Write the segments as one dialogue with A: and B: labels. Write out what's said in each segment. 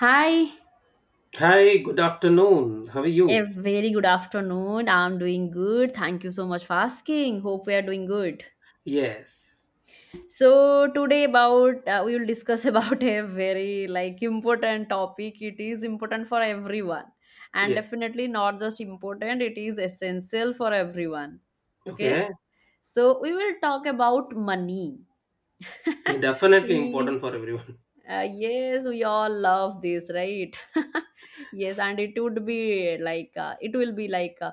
A: Hi,
B: Hi, good afternoon. How are
A: a
B: you?
A: very good afternoon. I'm doing good. Thank you so much for asking. Hope we are doing good.
B: Yes.
A: So today about we will discuss about a very like important topic. It is important for everyone and
B: Yes.
A: definitely not just important, it is essential for everyone. Okay?
B: Okay.
A: So we will talk about money.
B: Definitely
A: we
B: important for everyone.
A: Yes, we all love this, right? Yes, and it would be it will be like uh,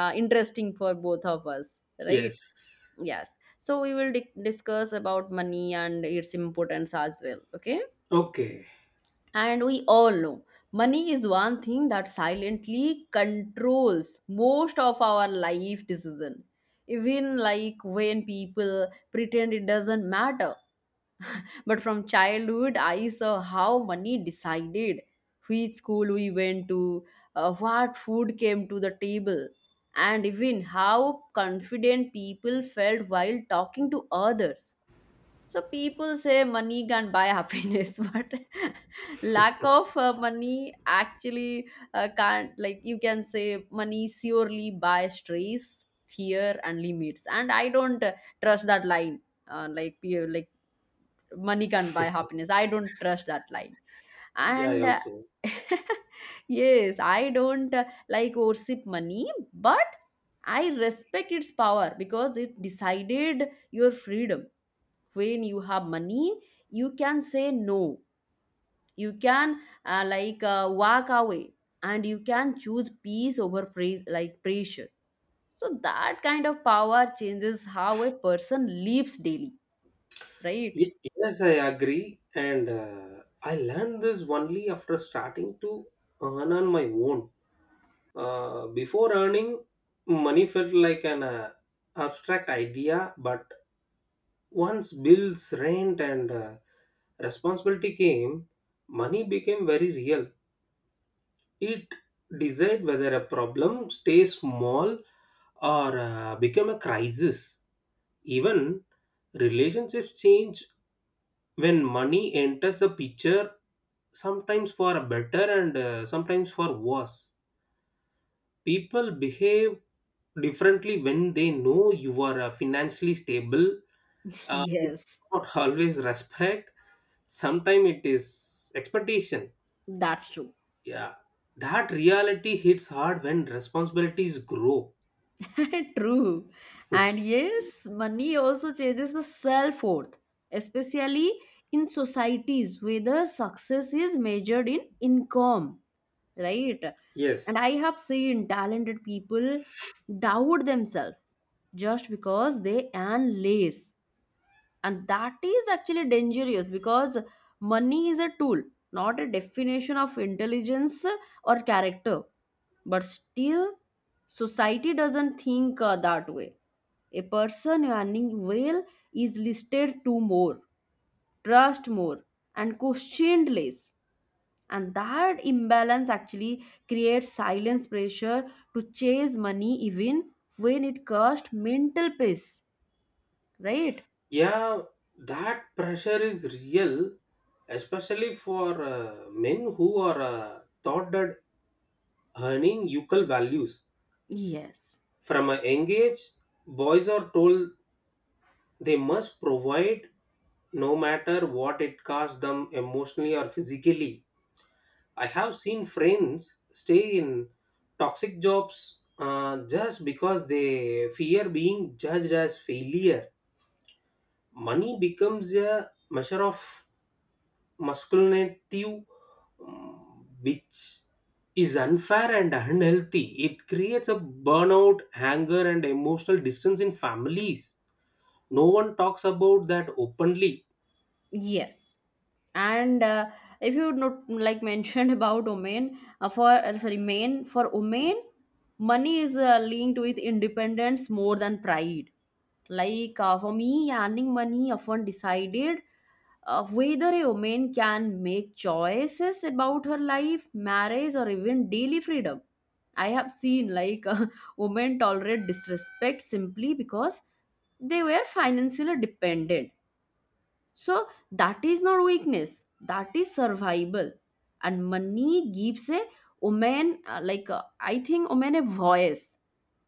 A: uh, interesting for both of us, right?
B: Yes.
A: Yes. So we will discuss about money and its importance as well. Okay.
B: Okay.
A: And we all know money is one thing that silently controls most of our life decision. Even like when people pretend it doesn't matter, but from childhood, I saw how money decided which school we went to, what food came to the table, and even how confident people felt while talking to others. So people say money can buy happiness, but lack of money actually can't. Like you can say, money surely buys stress, fear, and limits. And I don't trust that line. Like money can't buy happiness. I don't trust that line,
B: Yeah, I
A: and
B: also.
A: yes. I don't like worship money, but I respect its power because it decided your freedom. When you have money, you can say no, you can walk away, and you can choose peace over pressure. So that kind of power changes how a person lives daily, right?
B: Yes, I agree. And I learned this only after starting to earn on my own. Before earning, money felt like an abstract idea, but once bills, rent, and responsibility came, money became very real. It decides whether a problem stays small or become a crisis. Even relationships change when money enters the picture, sometimes for better and sometimes for worse. People behave differently when they know you are financially stable. It's
A: Yes,
B: not always respect. Sometimes it is expectation.
A: that's true.
B: Yeah, that reality hits hard when responsibilities grow.
A: True. And yes, money also changes the self worth, especially in societies where the success is measured in income, right? And
B: Yes.
A: I have seen talented people doubt themselves just because they earn less, and that is actually dangerous because money is a tool, not a definition of intelligence or character. But still society doesn't think that way. A person earning well is listed to more, trust more, and questioned less, and that imbalance actually creates silence pressure to chase money even when it costs mental peace, right?
B: Yeah, that pressure is real, especially for men who are taught that earning equal values.
A: Yes.
B: From a young age, boys are told they must provide no matter what it costs them emotionally or physically. I have seen friends stay in toxic jobs just because they fear being judged as failure. Money becomes a measure of masculinity, which is unfair and unhealthy. It creates a burnout, anger, and emotional distance in families. No one talks about that openly.
A: Yes, and if you not like mentioned about Oman for sorry, Maine for Oman, money is linked with independence more than pride. For me, earning money often decided whether a woman can make choices about her life, marriage, or even daily freedom. I have seen like women tolerate disrespect simply because they were financially dependent. So that is not weakness, that is survival. And money gives a woman, I think, woman a voice,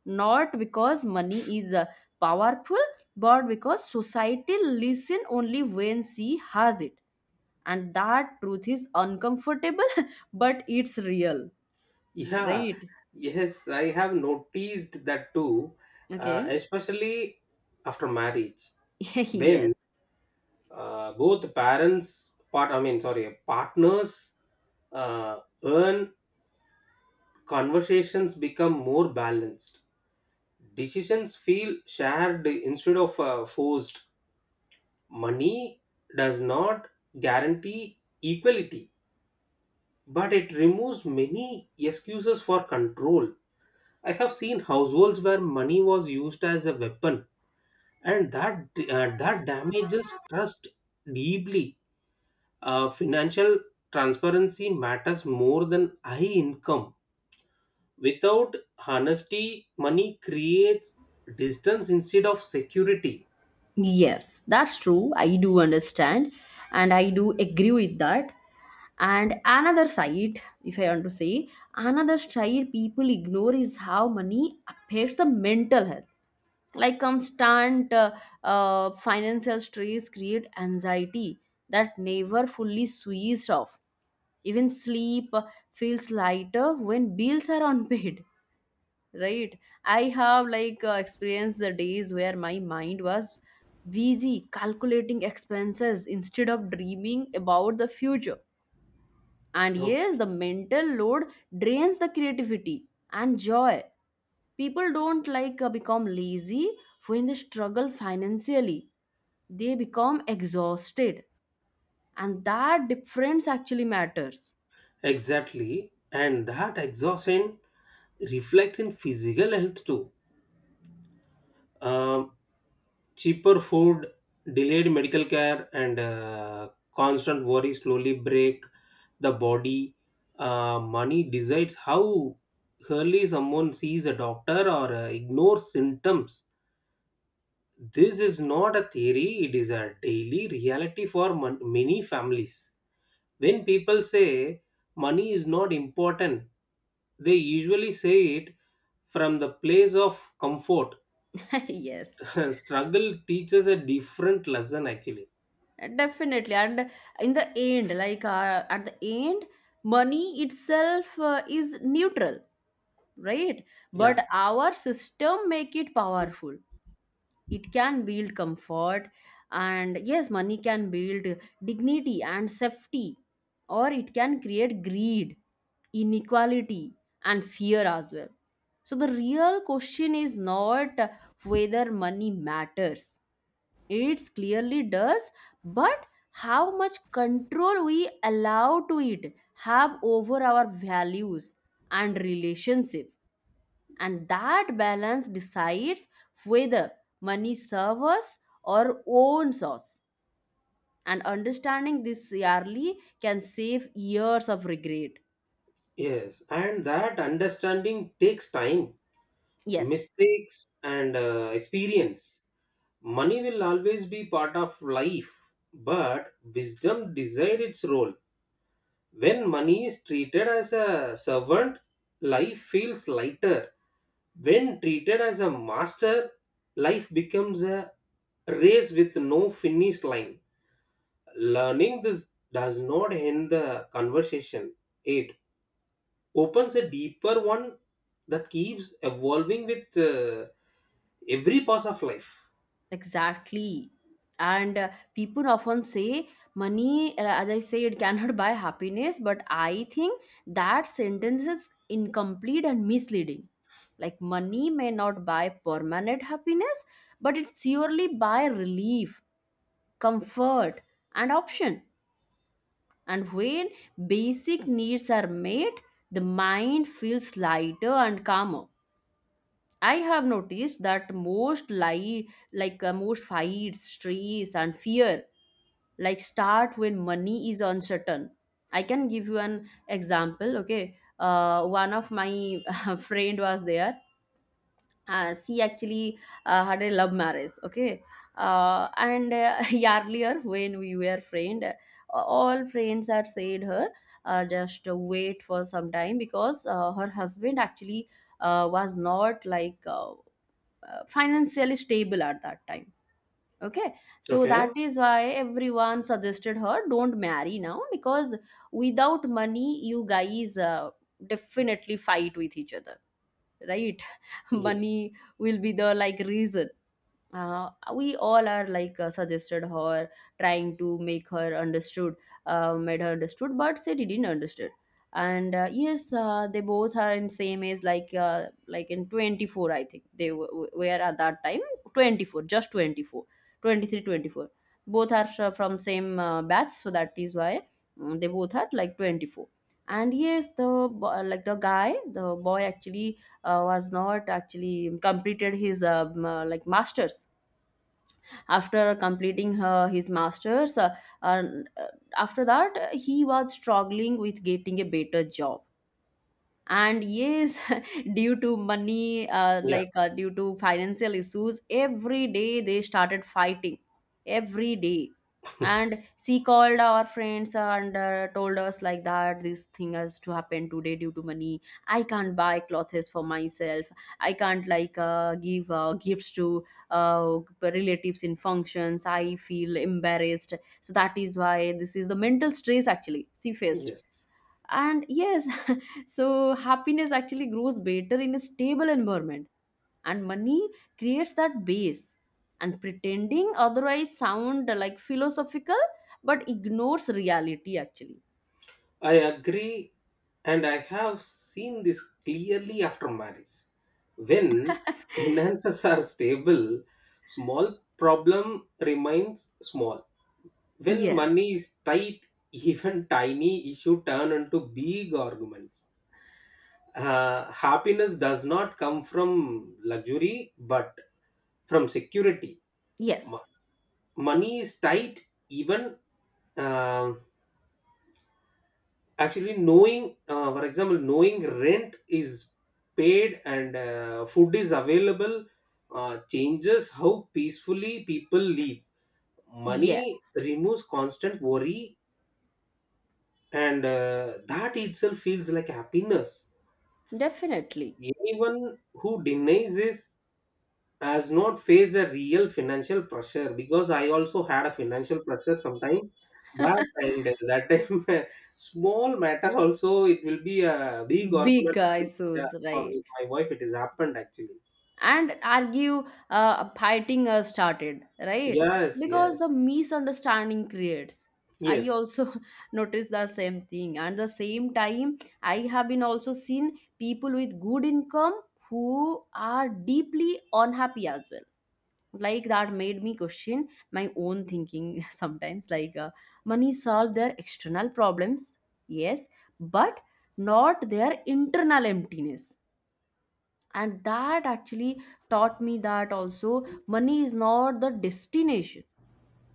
A: not because money is powerful, but because society listen only when she has it. And that truth is uncomfortable, but it's real,
B: Yeah,
A: right?
B: yes, I have noticed that too,
A: Okay.
B: especially after marriage,
A: Yes.
B: when both parents, part, I mean, sorry, partners earn, conversations become more balanced. Decisions feel shared instead of forced. Money does not guarantee equality, but it removes many excuses for control. I have seen households where money was used as a weapon, and that damages trust deeply. Financial transparency matters more than high income. Without honesty, money creates distance instead of security.
A: Yes, that's true. I do understand and I do agree with that. And another side, if I want to say, another side people ignore is how money affects the mental health. Like constant financial stress create anxiety that never fully switched off. Even sleep feels lighter when bills are unpaid. Right. I have experienced the days where my mind was busy calculating expenses instead of dreaming about the future. And
B: Oh,
A: yes, the mental load drains the creativity and joy. People don't become lazy when they struggle financially, they become exhausted, and that difference actually matters.
B: exactly, and that exhaustion reflects in physical health too. Um, Cheaper food, delayed medical care, and constant worry slowly break the body. Money decides how early someone sees a doctor or ignores symptoms. This is not a theory, it is a daily reality for many families. When people say money is not important, they usually say it from the place of comfort.
A: Yes.
B: Struggle teaches a different lesson actually.
A: Definitely, and in the end, at the end, money itself is neutral, right?
B: Yeah.
A: But our system make it powerful. It can build comfort, and yes, money can build dignity and safety, or it can create greed, inequality, and fear as well. So the real question is not whether money matters, it clearly does, but how much control we allow to it have over our values and relationship, and that balance decides whether money serves us or owns us, and understanding this yearly can save years of regret.
B: Yes, and that understanding takes time,
A: Yes.
B: mistakes and experience. Money will always be part of life, but wisdom decides its role. When money is treated as a servant, life feels lighter. When treated as a master, life becomes a race with no finish line. Learning this does not end the conversation, it opens a deeper one that keeps evolving with every pass of life.
A: Exactly. And people often say money, as I say, it cannot buy happiness, but I think that sentence is incomplete and misleading. Like, money may not buy permanent happiness, but it surely buy relief, comfort, and option. And when basic needs are met, the mind feels lighter and calmer. I have noticed that most lie like most fights, stress, and fear like start when money is uncertain. I can give you an example. Okay, one of my friend was there. She actually had a love marriage. Okay, and earlier when we were friend, all friends had said her just wait for some time because her husband actually was not like financially stable at that time. Okay, so that
B: Okay.
A: is why everyone suggested her don't marry now, because without money you guys definitely fight with each other, right?
B: Yes.
A: Money will be the like reason. We all are suggested her, trying to make her understood, made her understood, but she didn't understood. And yes, they both are in same age like in 24, I think they were at that time 24, just 24, 23, 24. Both are from same batch, so that is why mm, they both are like 24. And yes, the bo- like the guy the boy actually was not actually completed his masters. After completing his masters and, uh, after that, he was struggling with getting a better job. And yes, due to money,
B: Yeah.
A: due to financial issues, every day they started fighting, every day. And she called our friends and told us like that this thing has to happen today due to money. I can't buy clothes for myself, I can't give gifts to relatives in functions, I feel embarrassed. So that is why this is the mental stress actually she faced.
B: Yes.
A: And yes, so happiness actually grows better in a stable environment, and money creates that base, and pretending otherwise sound like philosophical but ignores reality actually.
B: I agree. And I have seen this clearly after marriage. When finances are stable, small problem remains small. When
A: Yes.
B: money is tight, even tiny issue turn into big arguments. Happiness does not come from luxury but from security. Mo-
A: Yes.
B: Money is tight. Even uh, actually knowing, for example, knowing rent is paid and food is available changes how peacefully people live. Money
A: Yes.
B: removes constant worry, and that itself feels like happiness.
A: Definitely.
B: Anyone who denies this has not faced a real financial pressure, because I also had a financial pressure sometime back, and that time small matter also it will be a big
A: Big
B: argument.
A: guys.
B: Yeah, for
A: Right.
B: me, my wife, it has happened actually.
A: And argue, fighting started, right?
B: Yes,
A: Because
B: yes,
A: the misunderstanding creates. I
B: yes.
A: also noticed the same thing. And the same time, I have been also seen people with good income who are deeply unhappy as well. Like that made me question my own thinking sometimes. Money solve their external problems, yes, but not their internal emptiness. And that actually taught me that also money is not the destination,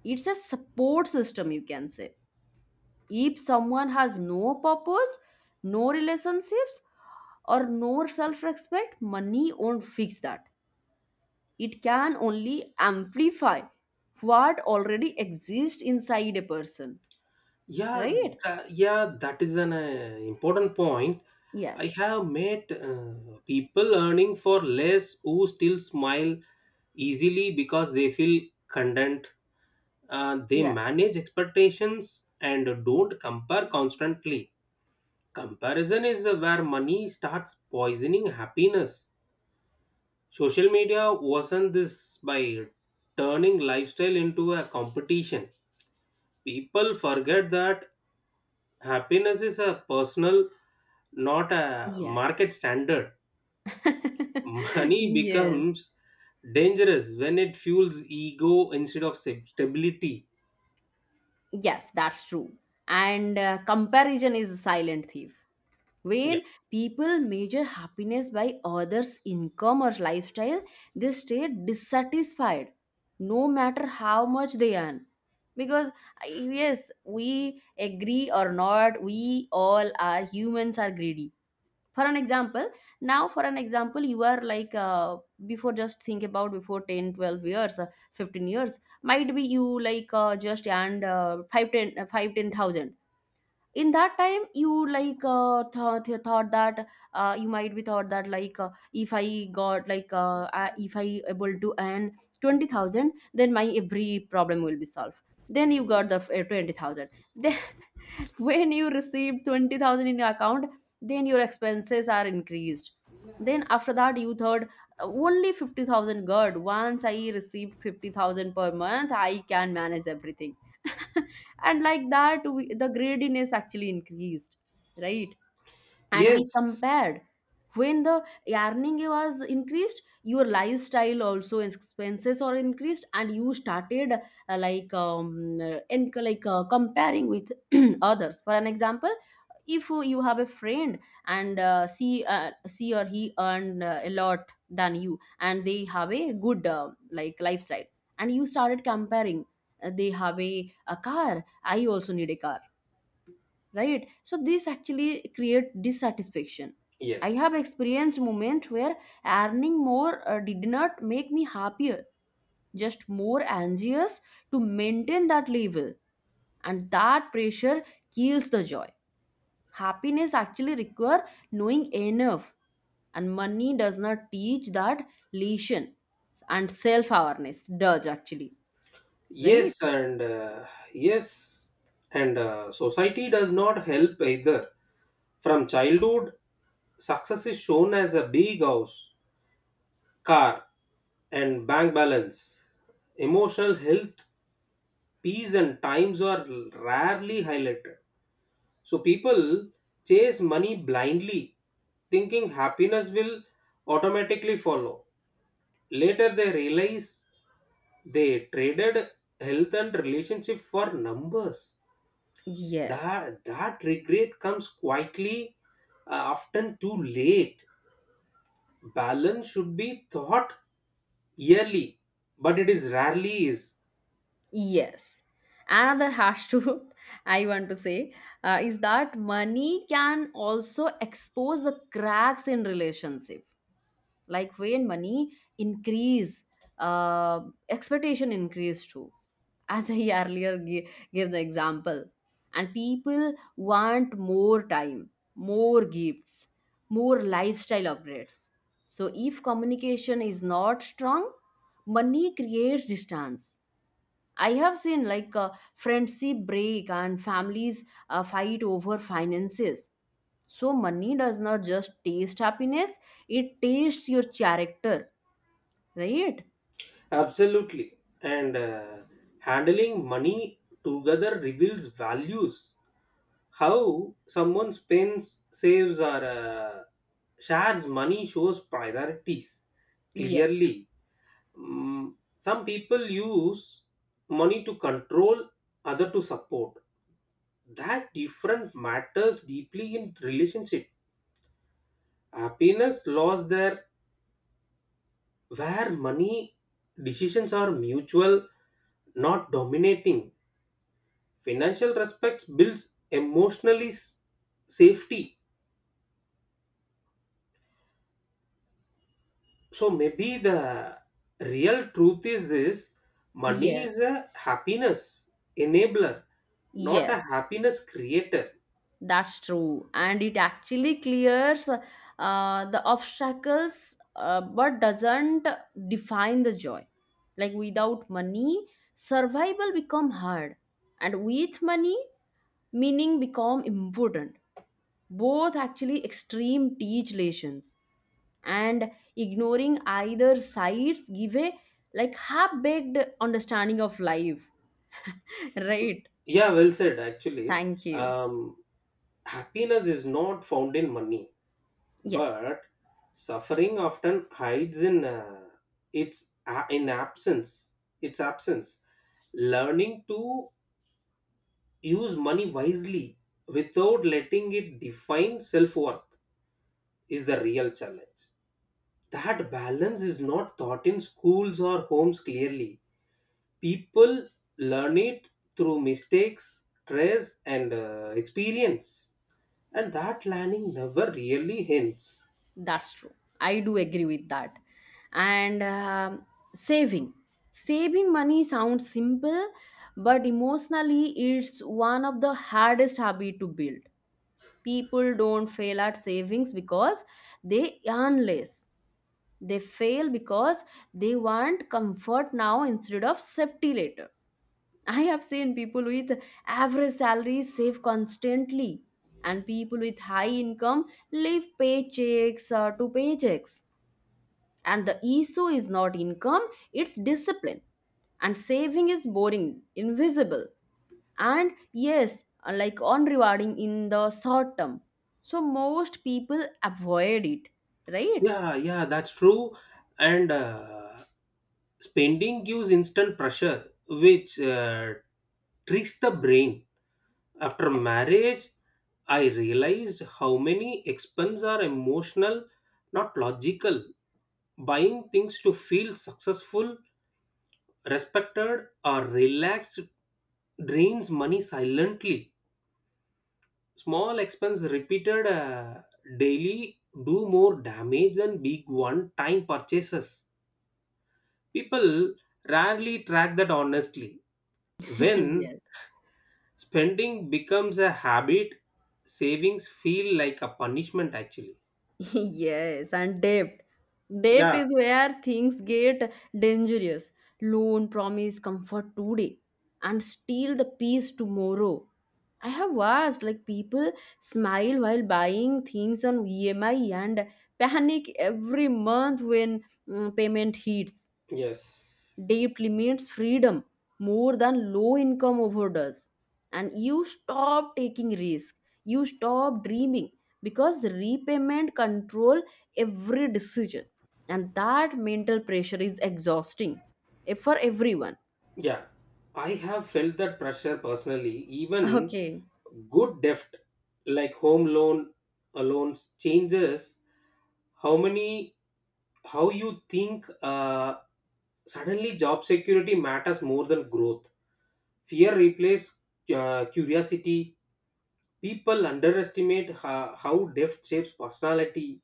A: it's a support system, you can say. If someone has no purpose, no relationships, or no self respect, money won't fix that. It can only amplify what already exists inside a person,
B: Yeah,
A: right?
B: yeah, that is an important point. I
A: Yes.
B: have met people earning for less who still smile easily because they feel content. They
A: Yes.
B: manage expectations and don't compare constantly. Comparison is where money starts poisoning happiness. Social media worsen this by turning lifestyle into a competition. People forget that happiness is a personal, not a
A: Yes.
B: market standard. Money
A: Yes.
B: becomes dangerous when it fuels ego instead of stability.
A: Yes, that's true. And comparison is a silent thief.
B: Yeah.
A: When people measure happiness by others' income or lifestyle, they stay dissatisfied no matter how much they earn. Because, yes, we agree or not, we all are humans are greedy. For an example, now for an example, you are before, just think about before 10, 12 years, 15 years, might be you just and 5 ten 5 10,000. In that time you thought that you might be thought that if I got like if I able to earn 20,000, then my every problem will be solved. Then you got the 20,000. When you receive 20,000 in your account, then your expenses are increased. Then after that you thought only 50,000 good. Once I received 50,000 per month, I can manage everything. And like that we, the greediness actually increased, right? And we
B: Yes.
A: compared. When the earning was increased, your lifestyle also expenses are increased, and you started like and like comparing with others. For an example, if you have a friend, and she or he earned a lot than you, and they have a good lifestyle, and you started comparing. They have a car, I also need a car, right? So this actually create dissatisfaction. I have
B: Yes.
A: experienced moments where earning more did not make me happier, just more anxious to maintain that level, and that pressure kills the joy. Happiness actually require knowing enough, and money does not teach that lesson, and self awareness does actually, right?
B: Yes, and uh, yes, and society does not help either. From childhood, success is shown as a big house, car, and bank balance. Emotional health, peace, and times are rarely highlighted. So people chase money blindly, thinking happiness will automatically follow. Later they realize they traded health and relationship for numbers.
A: Yes.
B: That regret comes quietly, often too late. Balance should be thought yearly, but it is rarely is.
A: Yes. Another harsh truth I want to say is that money can also expose the cracks in relationship. Like when money increase, uh, expectation increase too. As I earlier gave the example, and people want more time, more gifts, more lifestyle upgrades. So if communication is not strong, money creates distance. I have seen friendship break and families fight over finances. So money does not just taste happiness, it tastes your character, right?
B: Absolutely. And handling money together reveals values. How someone spends, saves, or shares money shows priorities
A: Yes,
B: clearly. Mm, some people use money to control, other to support. That different matters deeply in relationship. Happiness laws there, where money decisions are mutual, not dominating. Financial respects builds emotionally safety. So maybe the real truth is this: money is
A: yes,
B: a happiness enabler, not a
A: yes,
B: happiness creator.
A: that's true. And it actually clears the obstacles but doesn't define the joy. Like without money, survival become hard and with money, meaning become important both actually extreme teach lessons and ignoring either sides give a like half-baked understanding of life right.
B: Yeah, well said. Actually,
A: Thank you.
B: um, happiness is not found in money,
A: Yes,
B: but suffering often hides in its a in absence. Its absence. Learning to use money wisely without letting it define self worth is the real challenge. That balance is not taught in schools or homes clearly. People learn it through mistakes, stress, and experience, and that landing never really hints.
A: that's true. I do agree with that. And saving saving money sounds simple, but emotionally it's one of the hardest habit to build. People don't fail at savings because they earn less. They fail because they want comfort now instead of safety later. I have seen people with average salaries save constantly, and people with high income live paychecks to paychecks. And the issue is not income, it's discipline. And saving is boring, invisible, and yes, like unrewarding in the short term. So most people avoid it, right?
B: Yeah, yeah, that's true. And spending gives instant pressure, which tricks the brain. After marriage, I realized how many expenses are emotional, not logical. Buying things to feel successful, respected, or relaxed drains money silently. Small expense repeated daily do more damage than big one time purchases. People rarely track that honestly. When
A: Yes.
B: spending becomes a habit, savings feel like a punishment actually.
A: Yes, and debt. Debt
B: Yeah,
A: is where things get dangerous. Loan promise comfort today and steal the peace tomorrow. I have watched like people smile while buying things on EMI and panic every month when payment hits.
B: yes.
A: Debt limits freedom more than low income overdose, and you stop taking risk, you stop dreaming, because repayment control every decision, and that mental pressure is exhausting for everyone.
B: Yeah, I have felt that pressure personally. Even
A: Okay.
B: good debt, like home loan loans, changes how many how you think. Suddenly job security matters more than growth. Fear replaces curiosity. People underestimate how debt shapes personality.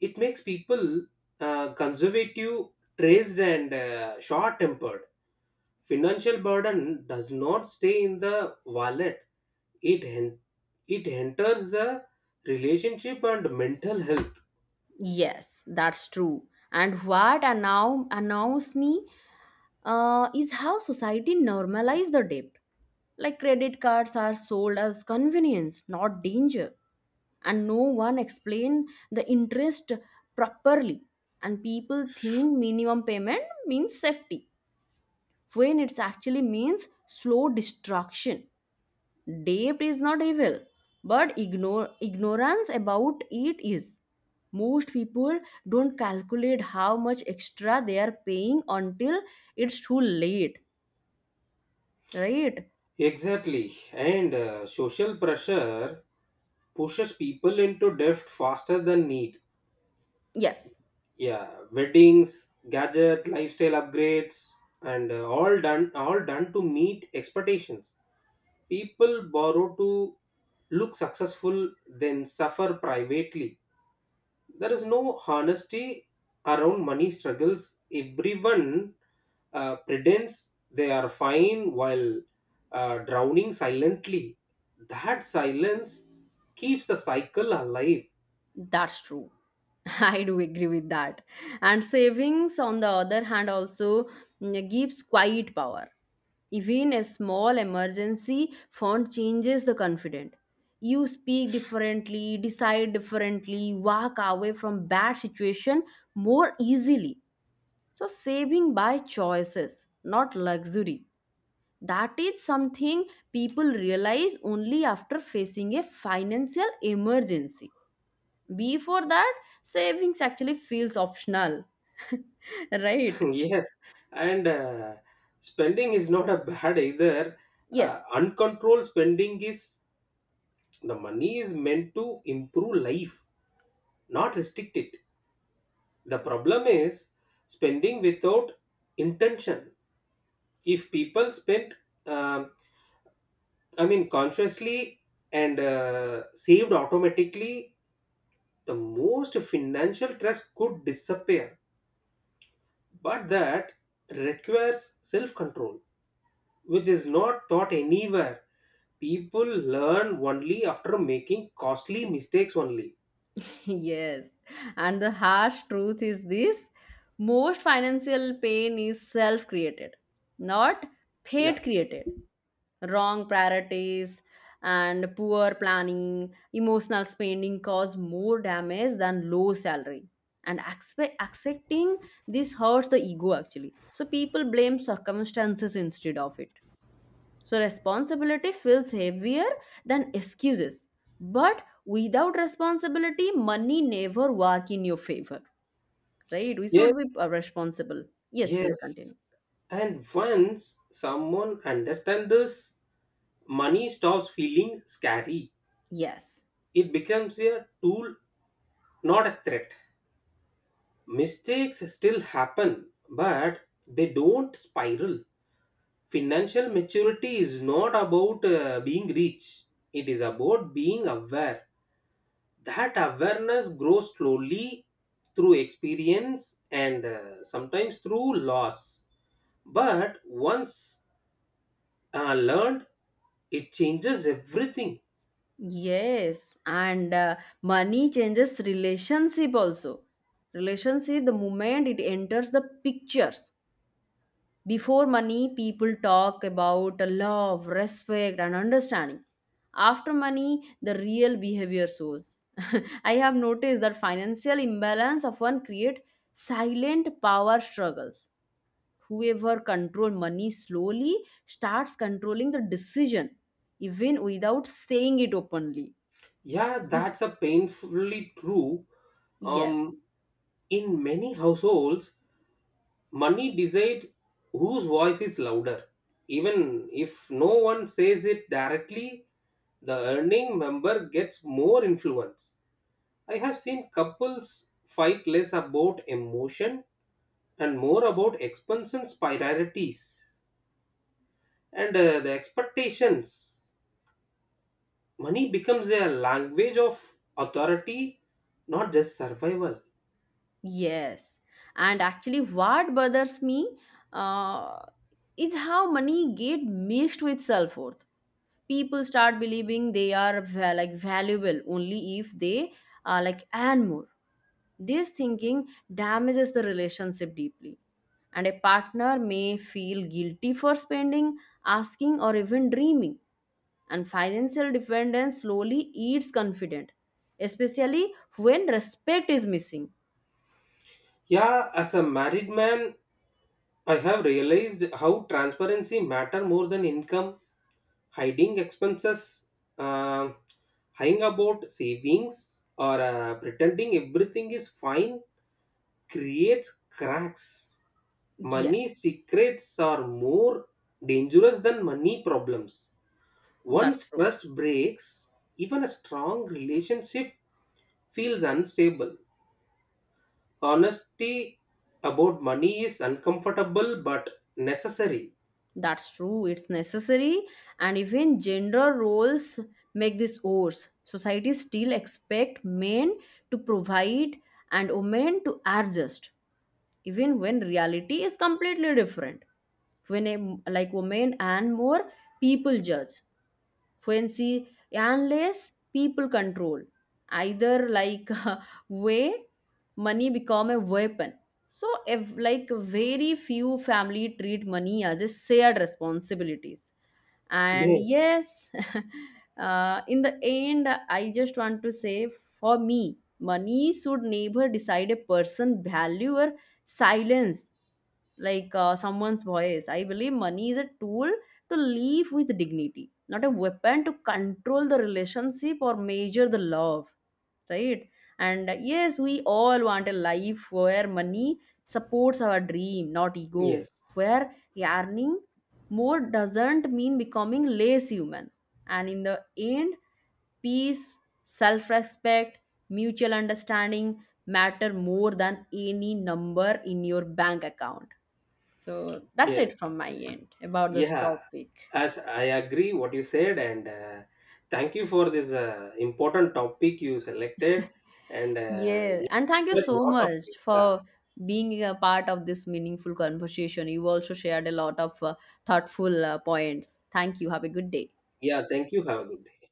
B: It makes people conservative, traced and short-tempered. Financial burden does not stay in the wallet, it it enters the relationship and mental health.
A: Yes, that's true. And what now annoys me is how society normalize the debt. Like credit cards are sold as convenience, not danger, and no one explain the interest properly, and people think minimum payment means safety when it's actually means slow destruction. Debt is not evil, but ignore ignorance about it is. Most people don't calculate how much extra they are paying until it's too late, right?
B: Exactly, and social pressure pushes people into debt faster than need.
A: Yes.
B: Yeah, weddings, gadget, lifestyle upgrades, and all done to meet expectations. People borrow to look successful, then suffer privately. There is no honesty around money struggles. Everyone pretends they are fine while drowning silently. That silence keeps the cycle alive.
A: That's true. I do agree with that. And savings, on the other hand, also gives quiet power. Even a small emergency fund changes the confident. You speak differently, decide differently, walk away from bad situation more easily. So saving by choices, not luxury. That is something people realize only after facing a financial emergency. Before that, savings actually feels optional, right?
B: Yes, and spending is not a bad either,
A: Yes,
B: uncontrolled spending is. The money is meant to improve life, not restrict it. The problem is spending without intention. If people spent, um, I mean, consciously, and saved automatically, the most financial stress could disappear. But that requires self control, which is not taught anywhere. People learn only after making costly mistakes only.
A: yes. And the harsh truth is this, most financial pain is self created, not
B: Yeah,
A: fate created. Wrong priorities and poor planning, emotional spending cause more damage than low salary. And accepting this hurts the ego actually. So people blame circumstances instead of it. So responsibility feels heavier than excuses. But without responsibility, money never work in your favor, right? We
B: yes,
A: should be responsible. Yes, please
B: yes,
A: continue.
B: and once someone understands this, money stops feeling scary.
A: Yes,
B: It becomes a tool, not a threat. Mistakes still happen, but they don't spiral. Financial maturity is not about being rich, it is about being aware. That awareness grows slowly through experience and sometimes through loss. But once learned, it changes everything.
A: yes, and money changes relationship also. Relationship, the moment it enters the pictures. Before money, people talk about love, respect, and understanding. After money, the real behavior shows. I have noticed that financial imbalance often create silent power struggles. Whoever control money slowly starts controlling the decision, even without saying it openly.
B: Yeah, that's a painfully true.
A: Yes,
B: Um, in many households, money decides whose voice is louder. Even if no one says it directly, the earning member gets more influence. I have seen couples fight less about emotion and more about expenses priorities and the expectations. Money becomes a language of authority, not just survival.
A: yes. And actually, what bothers me uh, is how money get mixed with self worth. People start believing they are like valuable only if they are like earn more. This thinking damages the relationship deeply, and a partner may feel guilty for spending, asking, or even dreaming, and financial dependence slowly eats confidence, especially when respect is missing.
B: Yeah, as a married man, I have realized how transparency matter more than income. Hiding expenses, uh, lying about savings, or pretending everything is fine creates cracks. Money
A: Yes,
B: secrets are more dangerous than money problems.
A: that's
B: Once
A: true.
B: trust breaks, even a strong relationship feels unstable. Honesty about money is uncomfortable but necessary.
A: That's true, it's necessary, and even gender roles make this worse. Society still expect men to provide and women to adjust, even when reality is completely different. When a, like women and more, people judge, fancy, unless people control either like way, money become a weapon. So if like very few family treat money as a shared responsibilities. And
B: Yes,
A: yes, in the end I just want to say for me, money should never decide a person value or silence like someone's voice. I believe money is a tool to live with dignity, not a weapon to control the relationship or measure the love, right? And yes, we all want a life where money supports our dream, not ego,
B: yes,
A: where yearning more doesn't mean becoming less human. And in the end, peace, self respect, mutual understanding matter more than any number in your bank account. So that's
B: yes,
A: it from my end about this
B: yeah.
A: topic.
B: As I agree what you said, and thank you for this important topic you selected, and
A: Yeah, and thank you
B: yeah,
A: so
B: lot of
A: much
B: yeah,
A: for being a part of this meaningful conversation. You also shared a lot of thoughtful points. Thank you. Have a good day.
B: yeah. Thank you. Have a good day.